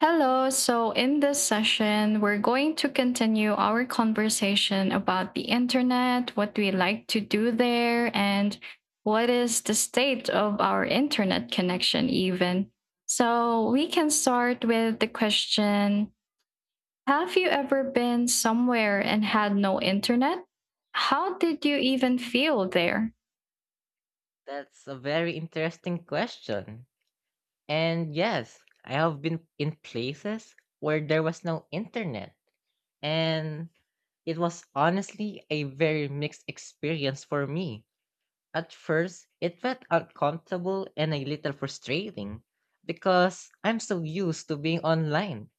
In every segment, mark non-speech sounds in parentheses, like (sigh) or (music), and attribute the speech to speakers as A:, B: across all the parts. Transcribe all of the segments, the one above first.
A: Hello. So, in this session, we're going to continue our conversation about the internet, what do we like to do there, and what is the state of our internet connection, even. So, we can start with the question: have you ever been somewhere and had no internet? How did you even feel there?
B: That's a very interesting question. And yes, I have been in places where there was no internet. And it was honestly a very mixed experience for me. At first, it felt uncomfortable and a little frustrating because I'm so used to being online.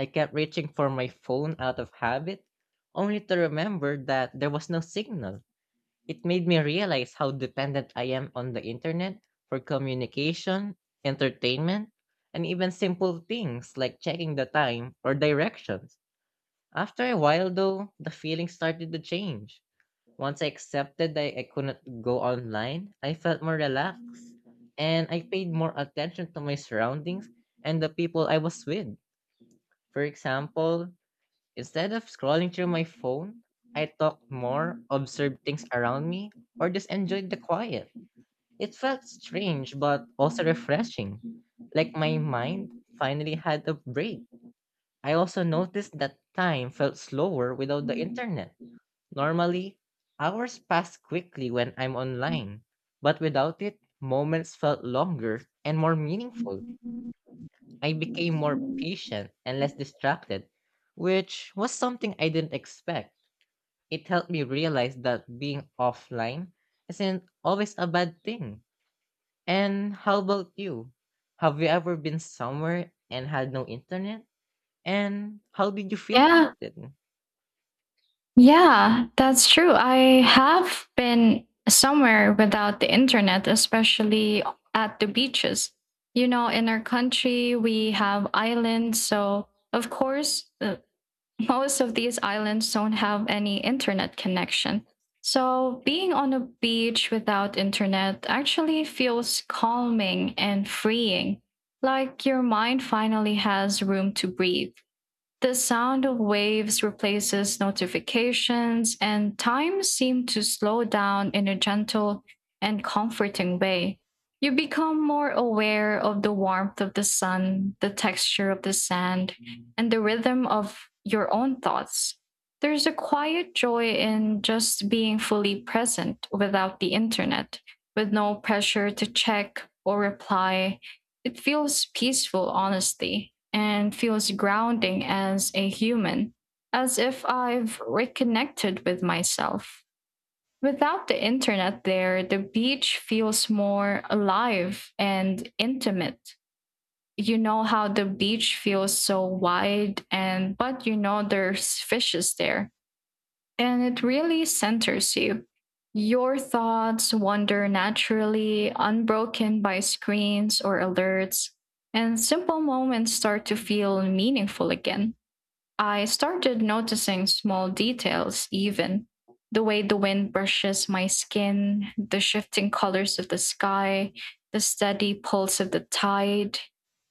B: I kept reaching for my phone out of habit, only to remember that there was no signal. It made me realize how dependent I am on the internet for communication, entertainment, and even simple things like checking the time or directions. After a while, though, the feeling started to change. Once I accepted that I couldn't go online, I felt more relaxed and I paid more attention to my surroundings and the people I was with. For example, instead of scrolling through my phone, I talked more, observed things around me, or just enjoyed the quiet. It felt strange but also refreshing, like my mind finally had a break. I also noticed that time felt slower without the internet. Normally, hours pass quickly when I'm online, but without it, moments felt longer and more meaningful. I became more patient and less distracted, which was something I didn't expect. It helped me realize that being offline isn't always a bad thing. And how about you? Have you ever been somewhere and had no internet? And how did you feel
A: Yeah.
B: about it?
A: Yeah, that's true. I have been somewhere without the internet, especially at the beaches. You know, in our country, we have islands. So, of course, most of these islands don't have any internet connection. So, being on a beach without internet actually feels calming and freeing, like your mind finally has room to breathe. The sound of waves replaces notifications, and time seems to slow down in a gentle and comforting way. You become more aware of the warmth of the sun, the texture of the sand, and the rhythm of your own thoughts. There's a quiet joy in just being fully present without the internet, with no pressure to check or reply. It feels peaceful, honestly, and feels grounding as a human, as if I've reconnected with myself. Without the internet there, the beach feels more alive and intimate. You know how the beach feels so wide, and but you know there's fishes there, and it really centers you. Your thoughts wander naturally, unbroken by screens or alerts, and simple moments start to feel meaningful again. I started noticing small details, even the way the wind brushes my skin, the shifting colors of the sky, the steady pulse of the tide.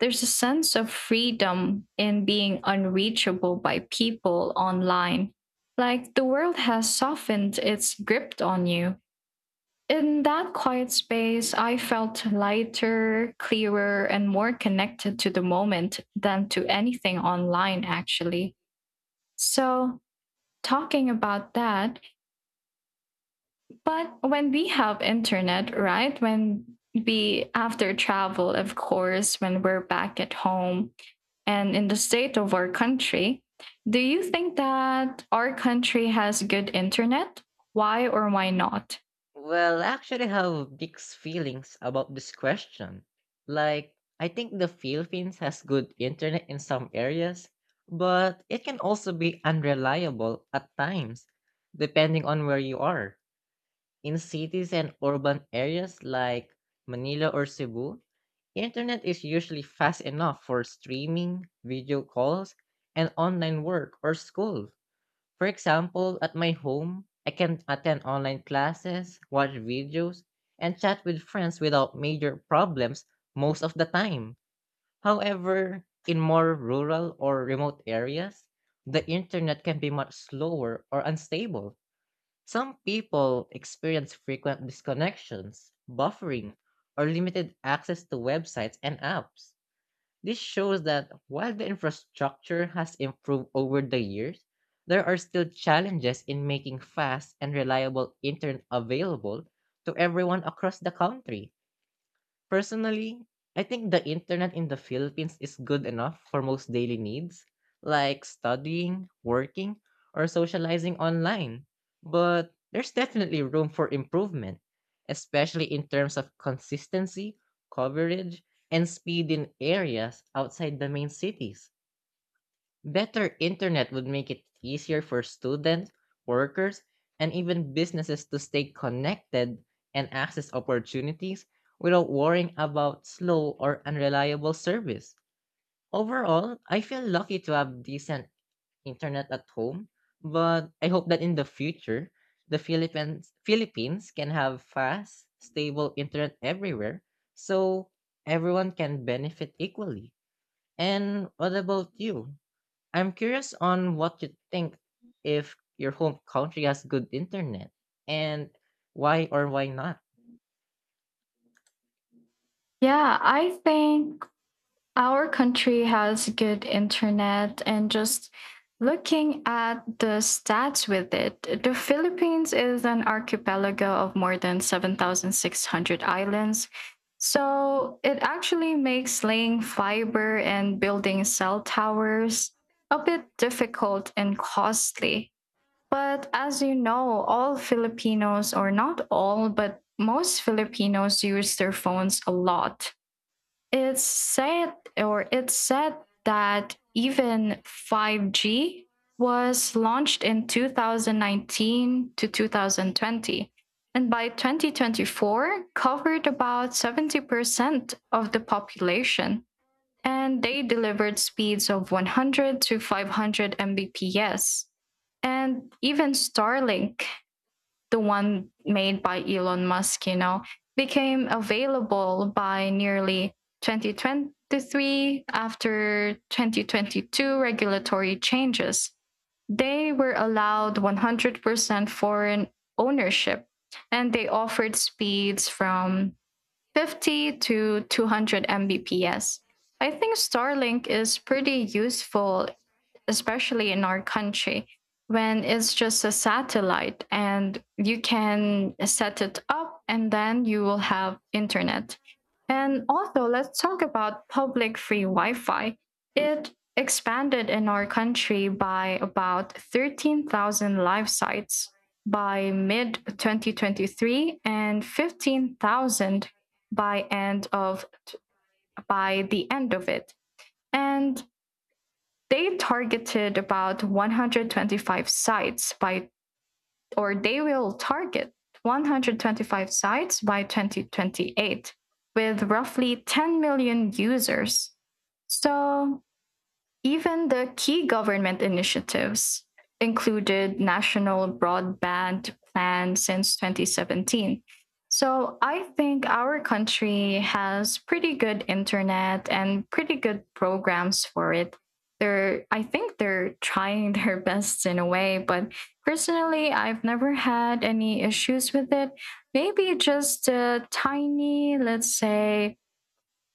A: There's a sense of freedom in being unreachable by people online, like the world has softened its grip on you. In that quiet space, I felt lighter, clearer, and more connected to the moment than to anything online, actually. So, talking about that, but when we have internet, right? When we, after travel, of course, when we're back at home and in the state of our country, do you think that our country has good internet? Why or why not?
B: Well, I actually have mixed feelings about this question. Like, I think the Philippines has good internet in some areas, but it can also be unreliable at times, depending on where you are. In cities and urban areas like Manila or Cebu, internet is usually fast enough for streaming, video calls, and online work or school. For example, at my home, I can attend online classes, watch videos, and chat with friends without major problems most of the time. However, in more rural or remote areas, the internet can be much slower or unstable. Some people experience frequent disconnections, buffering, or limited access to websites and apps. This shows that while the infrastructure has improved over the years, there are still challenges in making fast and reliable internet available to everyone across the country. Personally, I think the internet in the Philippines is good enough for most daily needs, like studying, working, or socializing online. But there's definitely room for improvement, especially in terms of consistency, coverage, and speed in areas outside the main cities. Better internet would make it easier for students, workers, and even businesses to stay connected and access opportunities without worrying about slow or unreliable service. Overall, I feel lucky to have decent internet at home, but I hope that in the future, the Philippines can have fast, stable internet everywhere so everyone can benefit equally. And what about you? I'm curious on what you think if your home country has good internet and why or why not.
A: Yeah, I think our country has good internet. And just looking at the stats with it, the Philippines is an archipelago of more than 7,600 islands, so it actually makes laying fiber and building cell towers a bit difficult and costly. But as you know, all Filipinos, or not all, but most Filipinos use their phones a lot. It's said that even 5G was launched in 2019 to 2020, and by 2024 covered about 70% of the population, and they delivered speeds of 100 to 500 mbps. And even Starlink, the one made by Elon Musk, you know, became available by nearly 2023, after 2022 regulatory changes. They were allowed 100% foreign ownership, and they offered speeds from 50 to 200 Mbps. I think Starlink is pretty useful, especially in our country, when it's just a satellite and you can set it up and then you will have internet. And also, let's talk about public free Wi Fi. It expanded in our country by about 13,000 live sites by mid 2023 and 15,000 by end of it. And they targeted about 125 sites by, or they will target, 125 sites by 2028, with roughly 10 million users. So, even the key government initiatives included national broadband plans since 2017. So I think our country has pretty good internet and pretty good programs for it. They're I think they're trying (laughs) their best in a way, but personally I've never had any issues with it. Maybe just a tiny, let's say,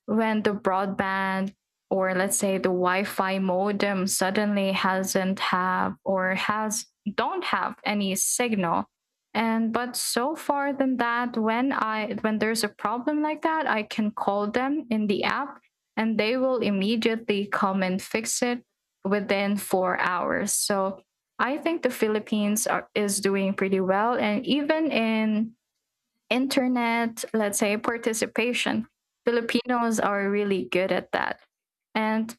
A: when the broadband, or let's say the Wi-Fi modem, suddenly has don't have any signal. And but so far than that, when there's a problem like that, I can call them in the app and they will immediately come and fix it within 4 hours. So I think the Philippines is doing pretty well. And even in internet, let's say, participation, Filipinos are really good at that. And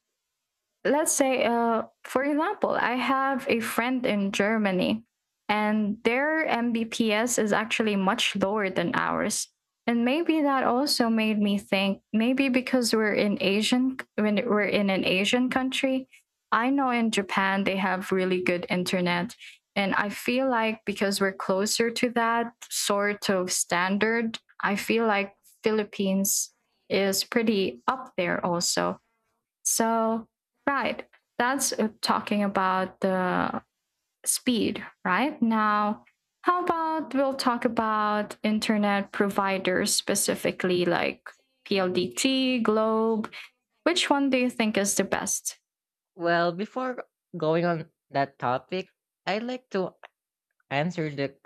A: let's say, for example, I have a friend in Germany, and their mbps is actually much lower than ours. And maybe that also made me think, maybe because we're in an Asian country. I know in Japan they have really good internet, and I feel like because we're closer to that sort of standard, I feel like Philippines is pretty up there also. So, right, that's talking about the speed, right? Now, how about we'll talk about internet providers, specifically like PLDT, Globe? Which one do you think is the best?
B: Well, before going on that topic, I'd like to answer the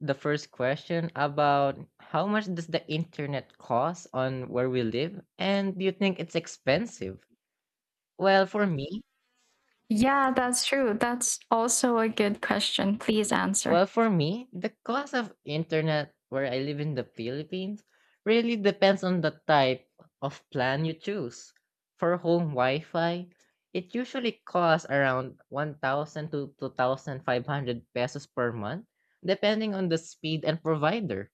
B: the first question about how much does the internet cost on where we live and do you think it's expensive? Well, for me,
A: Yeah, that's true. That's also a good question. Please answer.
B: Well, for me, the cost of internet where I live in the Philippines really depends on the type of plan you choose. For home Wi-Fi, it usually costs around 1,000 to 2,500 pesos per month, depending on the speed and provider.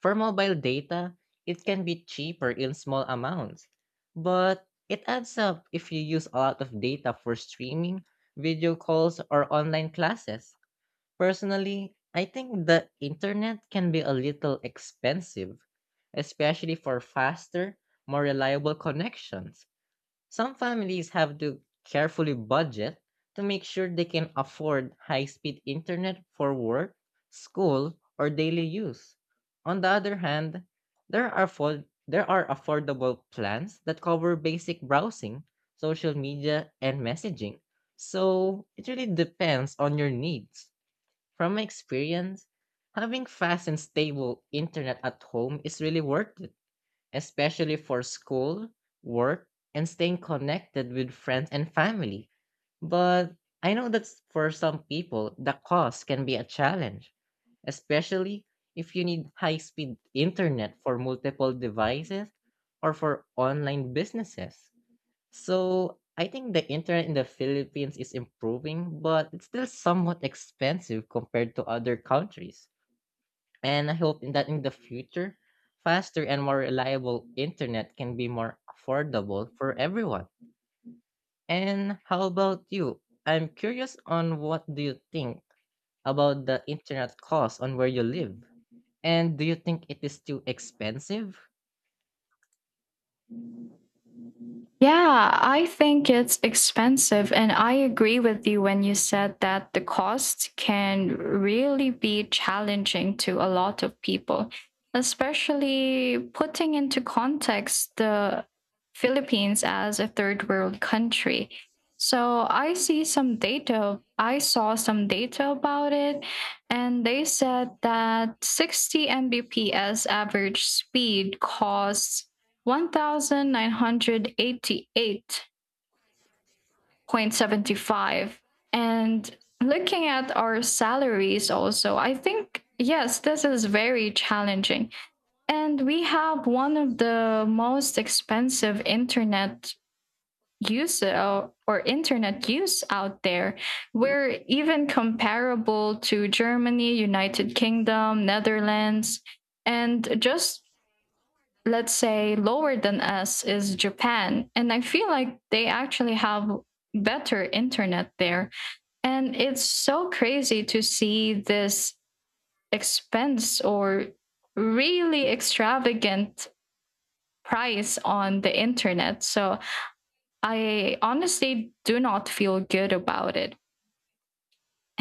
B: For mobile data, it can be cheaper in small amounts, but it adds up if you use a lot of data for streaming, video calls, or online classes. Personally, I think the internet can be a little expensive, especially for faster, more reliable connections. Some families have to carefully budget to make sure they can afford high speed internet for work, school, or daily use. On the other hand, there are affordable plans that cover basic browsing, social media, and messaging. So it really depends on your needs. From my experience, having fast and stable internet at home is really worth it, especially for school, work, and staying connected with friends and family. But I know that for some people, the cost can be a challenge, especially if you need high speed internet for multiple devices or for online businesses. So, I think the internet in the Philippines is improving, but it's still somewhat expensive compared to other countries. And I hope in the future, faster and more reliable internet can be more affordable for everyone. And how about you? I'm curious on what do you think about the internet cost on where you live? And do you think it is too expensive?
A: Yeah, I think it's expensive. And I agree with you when you said that the cost can really be challenging to a lot of people, especially putting into context the Philippines as a third world country. So I saw some data about it, and they said that 60 Mbps average speed costs 1988.75. And looking at our salaries also, I think, yes, this is very challenging. And we have one of the most expensive internet use out there. We're even comparable to Germany, United Kingdom, Netherlands, and just, let's say, lower than us is Japan. And I feel like they actually have better internet there. And it's so crazy to see this expense, or really extravagant price on the internet. So I honestly do not feel good about it.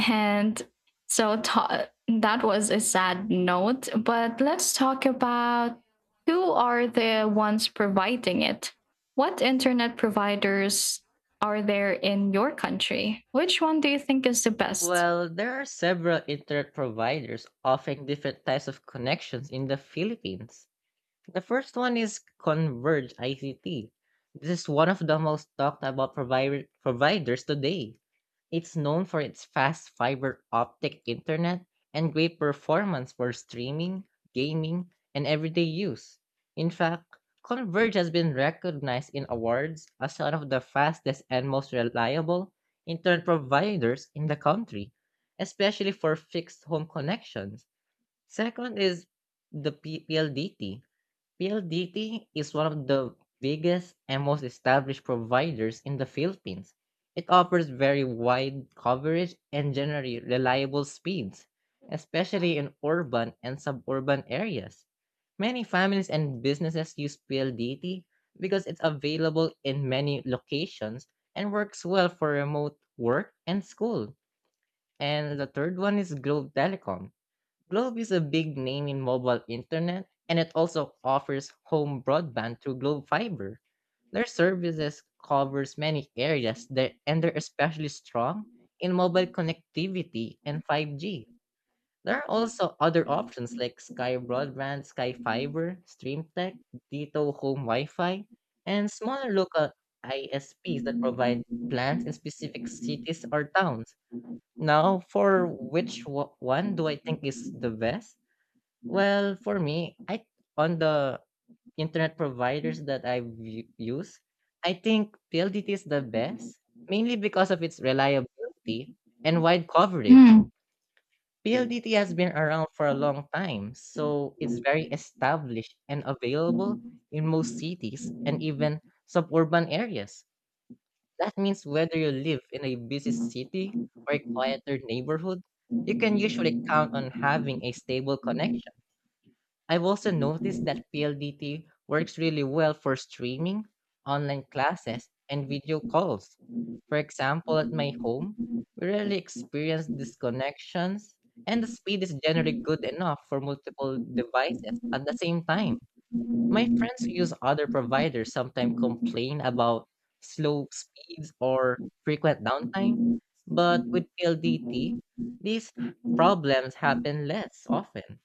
A: And so that was a sad note, but let's talk about who are the ones providing it. What internet providers are there in your country? Which one do you think is the best?
B: Well, there are several internet providers offering different types of connections in the Philippines. The first one is Converge ICT. This is one of the most talked about providers today. It's known for its fast fiber optic internet and great performance for streaming, gaming, and everyday use. In fact, Converge has been recognized in awards as one of the fastest and most reliable internet providers in the country, especially for fixed home connections. Second is the PLDT, PLDT is one of the biggest and most established providers in the Philippines. It offers very wide coverage and generally reliable speeds, especially in urban and suburban areas. Many families and businesses use PLDT because it's available in many locations and works well for remote work and school. And the third one is Globe Telecom. Globe is a big name in mobile internet and it also offers home broadband through Globe Fiber. Their services covers many areas there and they're especially strong in mobile connectivity and 5G. There are also other options like Sky Broadband, Sky Fiber, StreamTech, Dito Home Wi-Fi, and smaller local ISPs that provide plans in specific cities or towns. Now, for which one do I think is the best? Well, for me, I on the internet providers that I use, I think PLDT is the best, mainly because of its reliability and wide coverage. PLDT has been around for a long time, so it's very established and available in most cities and even suburban areas. That means whether you live in a busy city or a quieter neighborhood, you can usually count on having a stable connection. I've also noticed that PLDT works really well for streaming, online classes, and video calls. For example, at my home, we rarely experience disconnections, and the speed is generally good enough for multiple devices at the same time. My friends who use other providers sometimes
A: Hmm.
B: complain about slow speeds or frequent downtime, but with PLDT, these problems happen less often.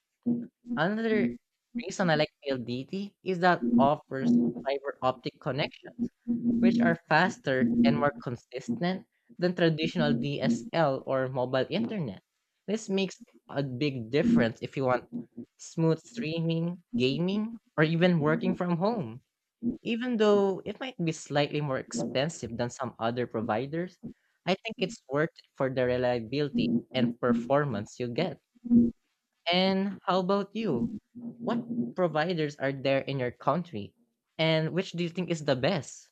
B: Another reason I like PLDT is that offers fiber optic connections, which are faster and more consistent than traditional DSL or mobile internet. This makes a big difference if you want smooth streaming, gaming, or even working from home. Even though it might be slightly more expensive than some other providers, I think it's worth it for the reliability and performance you get. And how about you? What providers are there in your country? And which do you think is the best?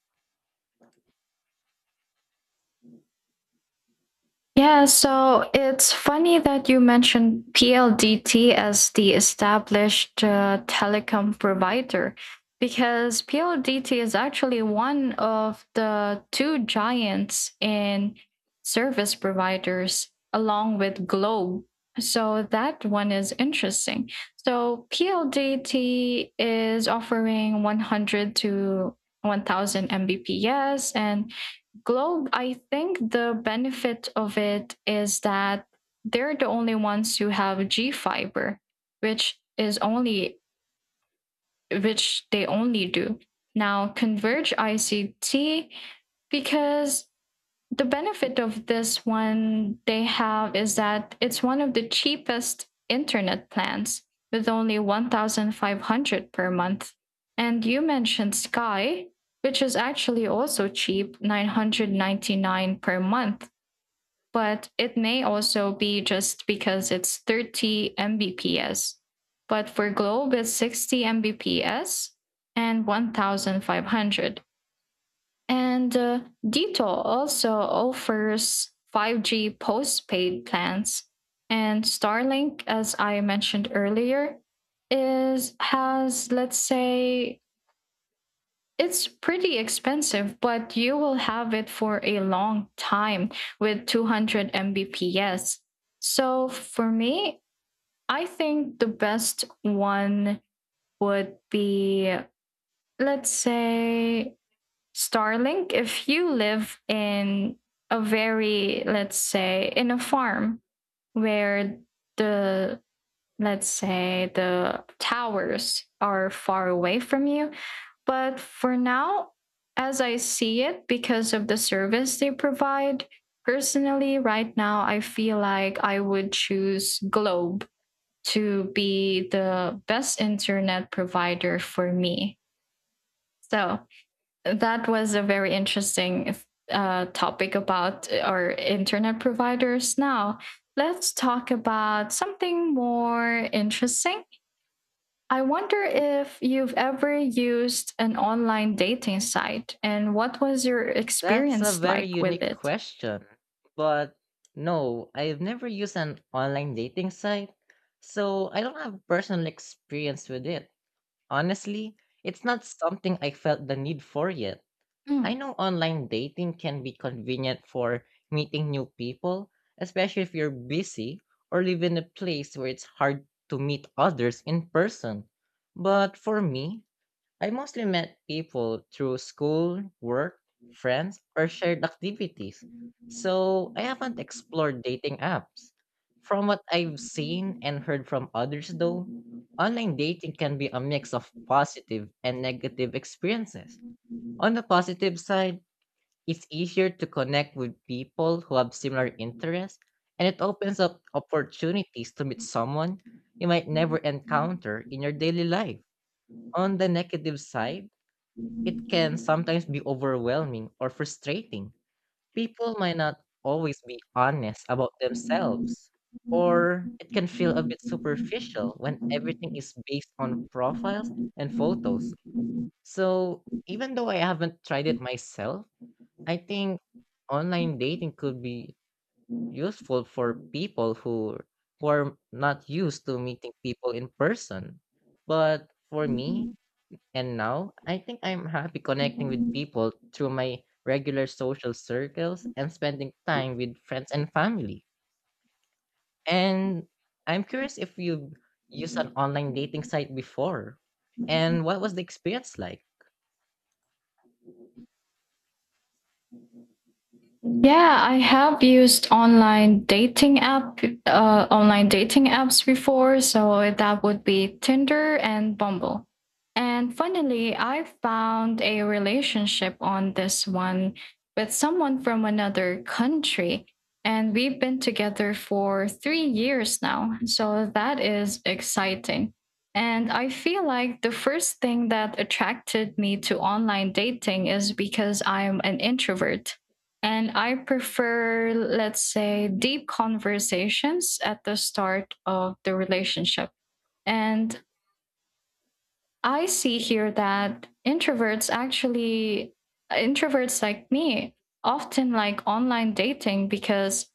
A: Yeah, so it's funny that you mentioned PLDT as the established telecom provider, because PLDT is actually one of the two giants in service providers along with Globe. So that one is interesting. So PLDT is offering 100 to 1000 Mbps. And Globe, I think the benefit of it is that they're the only ones who have G fiber, which is only which they only do. Now Converge ICT, because the benefit of this one they have is that it's one of the cheapest internet plans, with only 1500 per month. And you mentioned Sky, which is actually also cheap, 999 per month, but it may also be just because it's 30 Mbps. But for Globe, it's 60 Mbps and 1500. And Ditto also offers 5G postpaid plans. And Starlink, as I mentioned earlier, is has, let's say, it's pretty expensive, but you will have it for a long time, with 200 Mbps. So for me, I think the best one would be, let's say, Starlink, if you live in a very, let's say, in a farm where the, let's say, the towers are far away from you. But for now, as I see it, because of the service they provide, personally, right now, I feel like I would choose Globe to be the best internet provider for me. So that was a very interesting topic about our internet providers. Now, let's talk about something more interesting. I wonder if you've ever used an online dating site and what was your
B: That's a
A: experience
B: very
A: like with
B: unique
A: it?
B: question. But no, I've never used an online dating site, so I don't have personal experience with it. Honestly, it's not something I felt the need for yet. I
A: Mm.
B: know online dating can be convenient for meeting new people, especially if you're busy or live in a place where it's hard to meet others in person. But for me, I mostly met people through school, work, friends, or shared activities. So I haven't explored dating apps. From what I've seen and heard from others, though, online dating can be a mix of positive and negative experiences. On the positive side, it's easier to connect with people who have similar interests, and it opens up opportunities to meet someone you might never encounter in your daily life. On the negative side, it can sometimes be overwhelming or frustrating. People might not always be honest about themselves, or it can feel a bit superficial when everything is based on profiles and photos. So, even though I haven't tried it myself, I think online dating could be useful for people who are not used to meeting people in person. But for me and now, I think I'm happy connecting with people through my regular social circles and spending time with friends and family. And I'm curious if you used an online dating site before and what was the experience like?
A: Yeah, I have used online dating apps before, so that would be Tinder and Bumble. And finally, I found a relationship on this one with someone from another country, and we've been together for 3 years now. So that is exciting. And I feel like the first thing that attracted me to online dating is because I'm an introvert. And I prefer, let's say, deep conversations at the start of the relationship. And I see here that introverts like me often like online dating because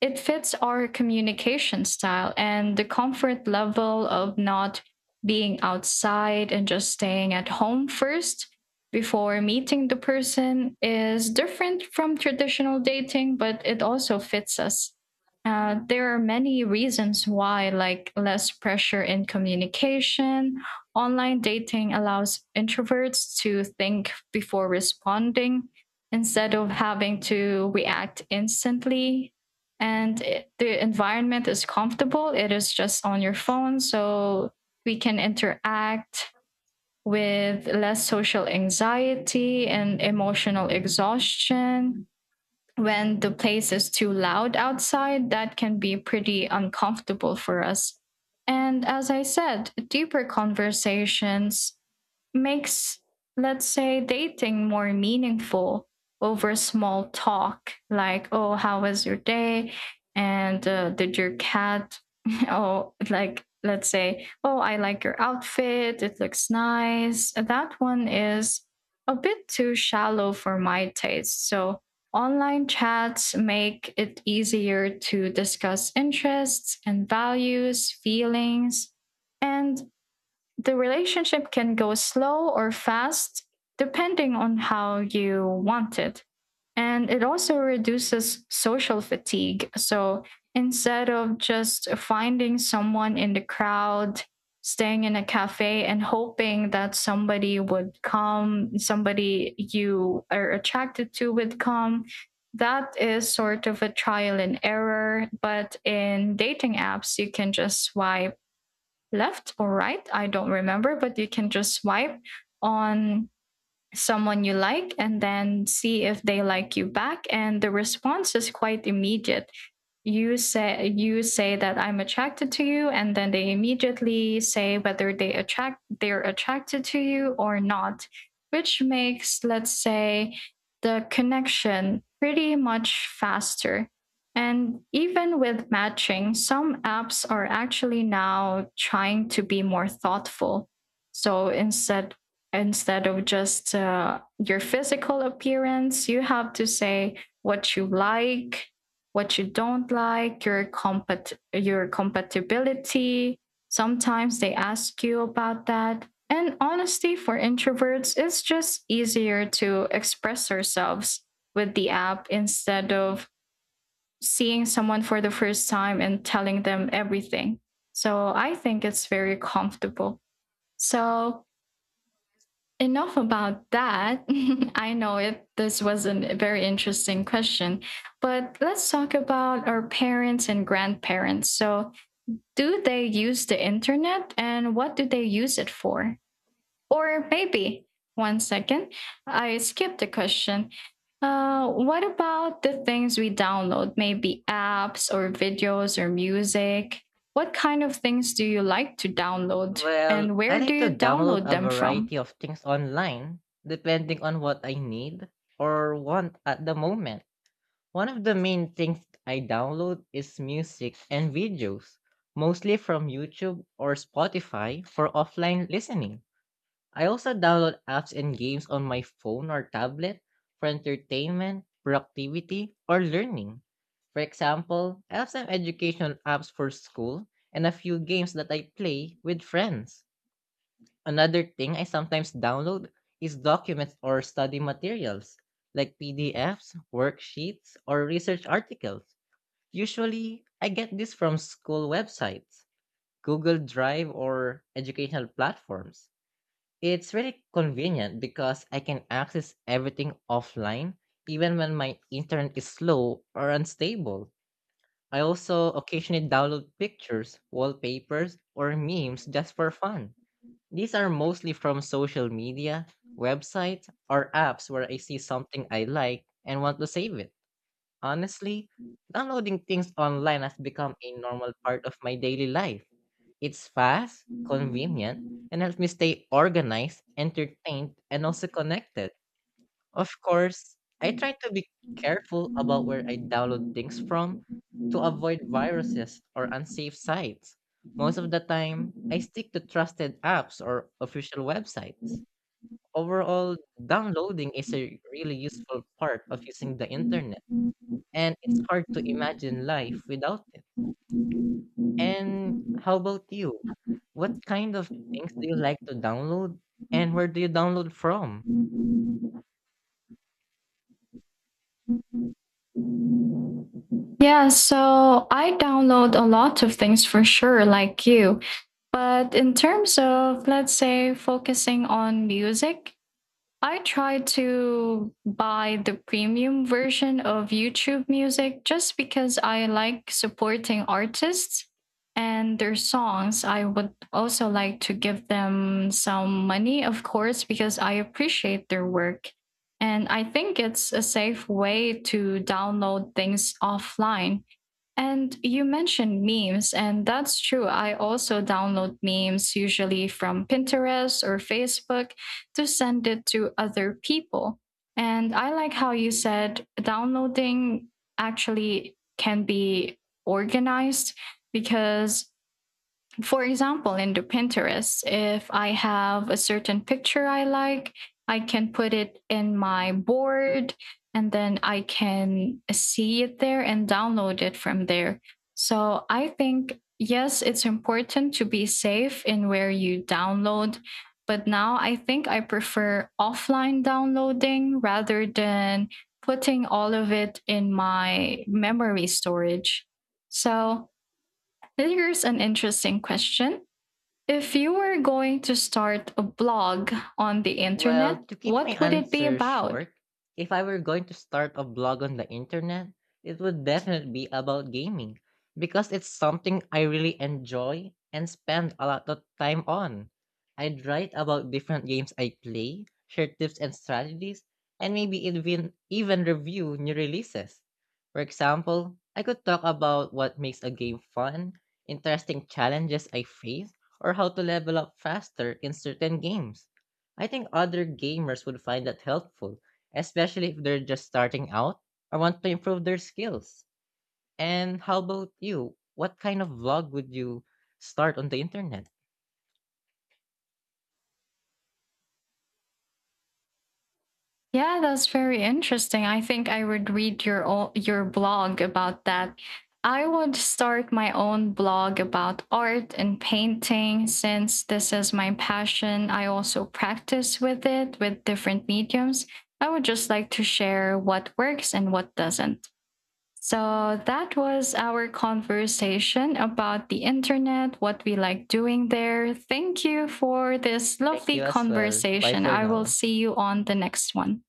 A: it fits our communication style, and the comfort level of not being outside and just staying at home first before meeting the person is different from traditional dating, but it also fits us. There are many reasons why, like less pressure in communication. Online dating allows introverts to think before responding instead of having to react instantly. The environment is comfortable, it is just on your phone. So we can interact with less social anxiety and emotional exhaustion when the place is too loud outside, that can be pretty uncomfortable for us. And as I said, deeper conversations makes, let's say, dating more meaningful over small talk, like, oh, how was your day? And did your cat, (laughs) oh, like, let's say, oh, I like your outfit, it looks nice. That one is a bit too shallow for my taste. So, online chats make it easier to discuss interests and values, feelings, and the relationship can go slow or fast depending on how you want it. And it also reduces social fatigue. So instead of just finding someone in the crowd, staying in a cafe and hoping that somebody would come, somebody you are attracted to would come, that is sort of a trial and error. But in dating apps, you can just swipe left or right. I don't remember, but you can just swipe on someone you like and then see if they like you back. And the response is quite immediate. You say that I'm attracted to you, and then they immediately say whether they're attracted to you or not, which makes, let's say, the connection pretty much faster. And even with matching, some apps are actually now trying to be more thoughtful. So instead of just your physical appearance, you have to say what you like, what you don't like, your compatibility. Sometimes they ask you about that. And honestly, for introverts, it's just easier to express ourselves with the app instead of seeing someone for the first time and telling them everything. So I think it's very comfortable. So, enough about that. (laughs) I know it. This was a very interesting question, but let's talk about our parents and grandparents. So, do they use the internet and what do they use it for? Or maybe, one second, I skipped the question. What about the things we download, maybe apps or videos or music? What kind of things do you like to download,
B: Well,
A: and
B: I
A: where do
B: like to
A: you
B: download
A: download
B: a
A: them from?
B: variety of things online, depending on what I need or want at the moment. One of the main things I download is music and videos, mostly from YouTube or Spotify for offline listening. I also download apps and games on my phone or tablet for entertainment, productivity, or learning. For example, I have some educational apps for school and a few games that I play with friends. Another thing I sometimes download is documents or study materials, like PDFs, worksheets, or research articles. Usually, I get this from school websites, Google Drive, or educational platforms. It's really convenient because I can access everything offline, even when my internet is slow or unstable. I also occasionally download pictures, wallpapers, or memes just for fun. These are mostly from social media, websites, or apps where I see something I like and want to save it. Honestly, downloading things online has become a normal part of my daily life. It's fast, convenient, and helps me stay organized, entertained, and also connected. Of course, I try to be careful about where I download things from to avoid viruses or unsafe sites. Most of the time, I stick to trusted apps or official websites. Overall, downloading is a really useful part of using the internet, and it's hard to imagine life without it. And how about you? What kind of things do you like to download, and where do you download from?
A: Yeah, so I download a lot of things, for sure, like you. But in terms of, let's say, focusing on music, I try to buy the premium version of YouTube Music, just because I like supporting artists and their songs. I would also like to give them some money, of course, because I appreciate their work. And I think it's a safe way to download things offline. And you mentioned memes, and that's true. I also download memes, usually from Pinterest or Facebook, to send it to other people. And I like how you said downloading actually can be organized, because for example, in the Pinterest, if I have a certain picture I like, I can put it in my board, and then I can see it there and download it from there. So I think, yes, it's important to be safe in where you download. But now I think I prefer offline downloading rather than putting all of it in my memory storage. So, here's an interesting question. If you were going to start a blog on the
B: Well,
A: internet,
B: to keep my
A: what would it be
B: answer
A: about?
B: short, if I were going to start a blog on the internet, it would definitely be about gaming because it's something I really enjoy and spend a lot of time on. I'd write about different games I play, share tips and strategies, and maybe even review new releases. For example, I could talk about what makes a game fun, interesting challenges I face, or how to level up faster in certain games. I think other gamers would find that helpful, especially if they're just starting out or want to improve their skills. And how about you? What kind of vlog would you start on the internet?
A: Yeah, that's very interesting. I think I would read your your blog about that. I would start my own blog about art and painting, since this is my passion. I also practice with it with different mediums. I would just like to share what works and what doesn't. So that was our conversation about the internet, what we like doing there. Thank you for this
B: Thank
A: lovely
B: you as well. Bye
A: conversation.
B: for
A: I will
B: now.
A: see you on the next one.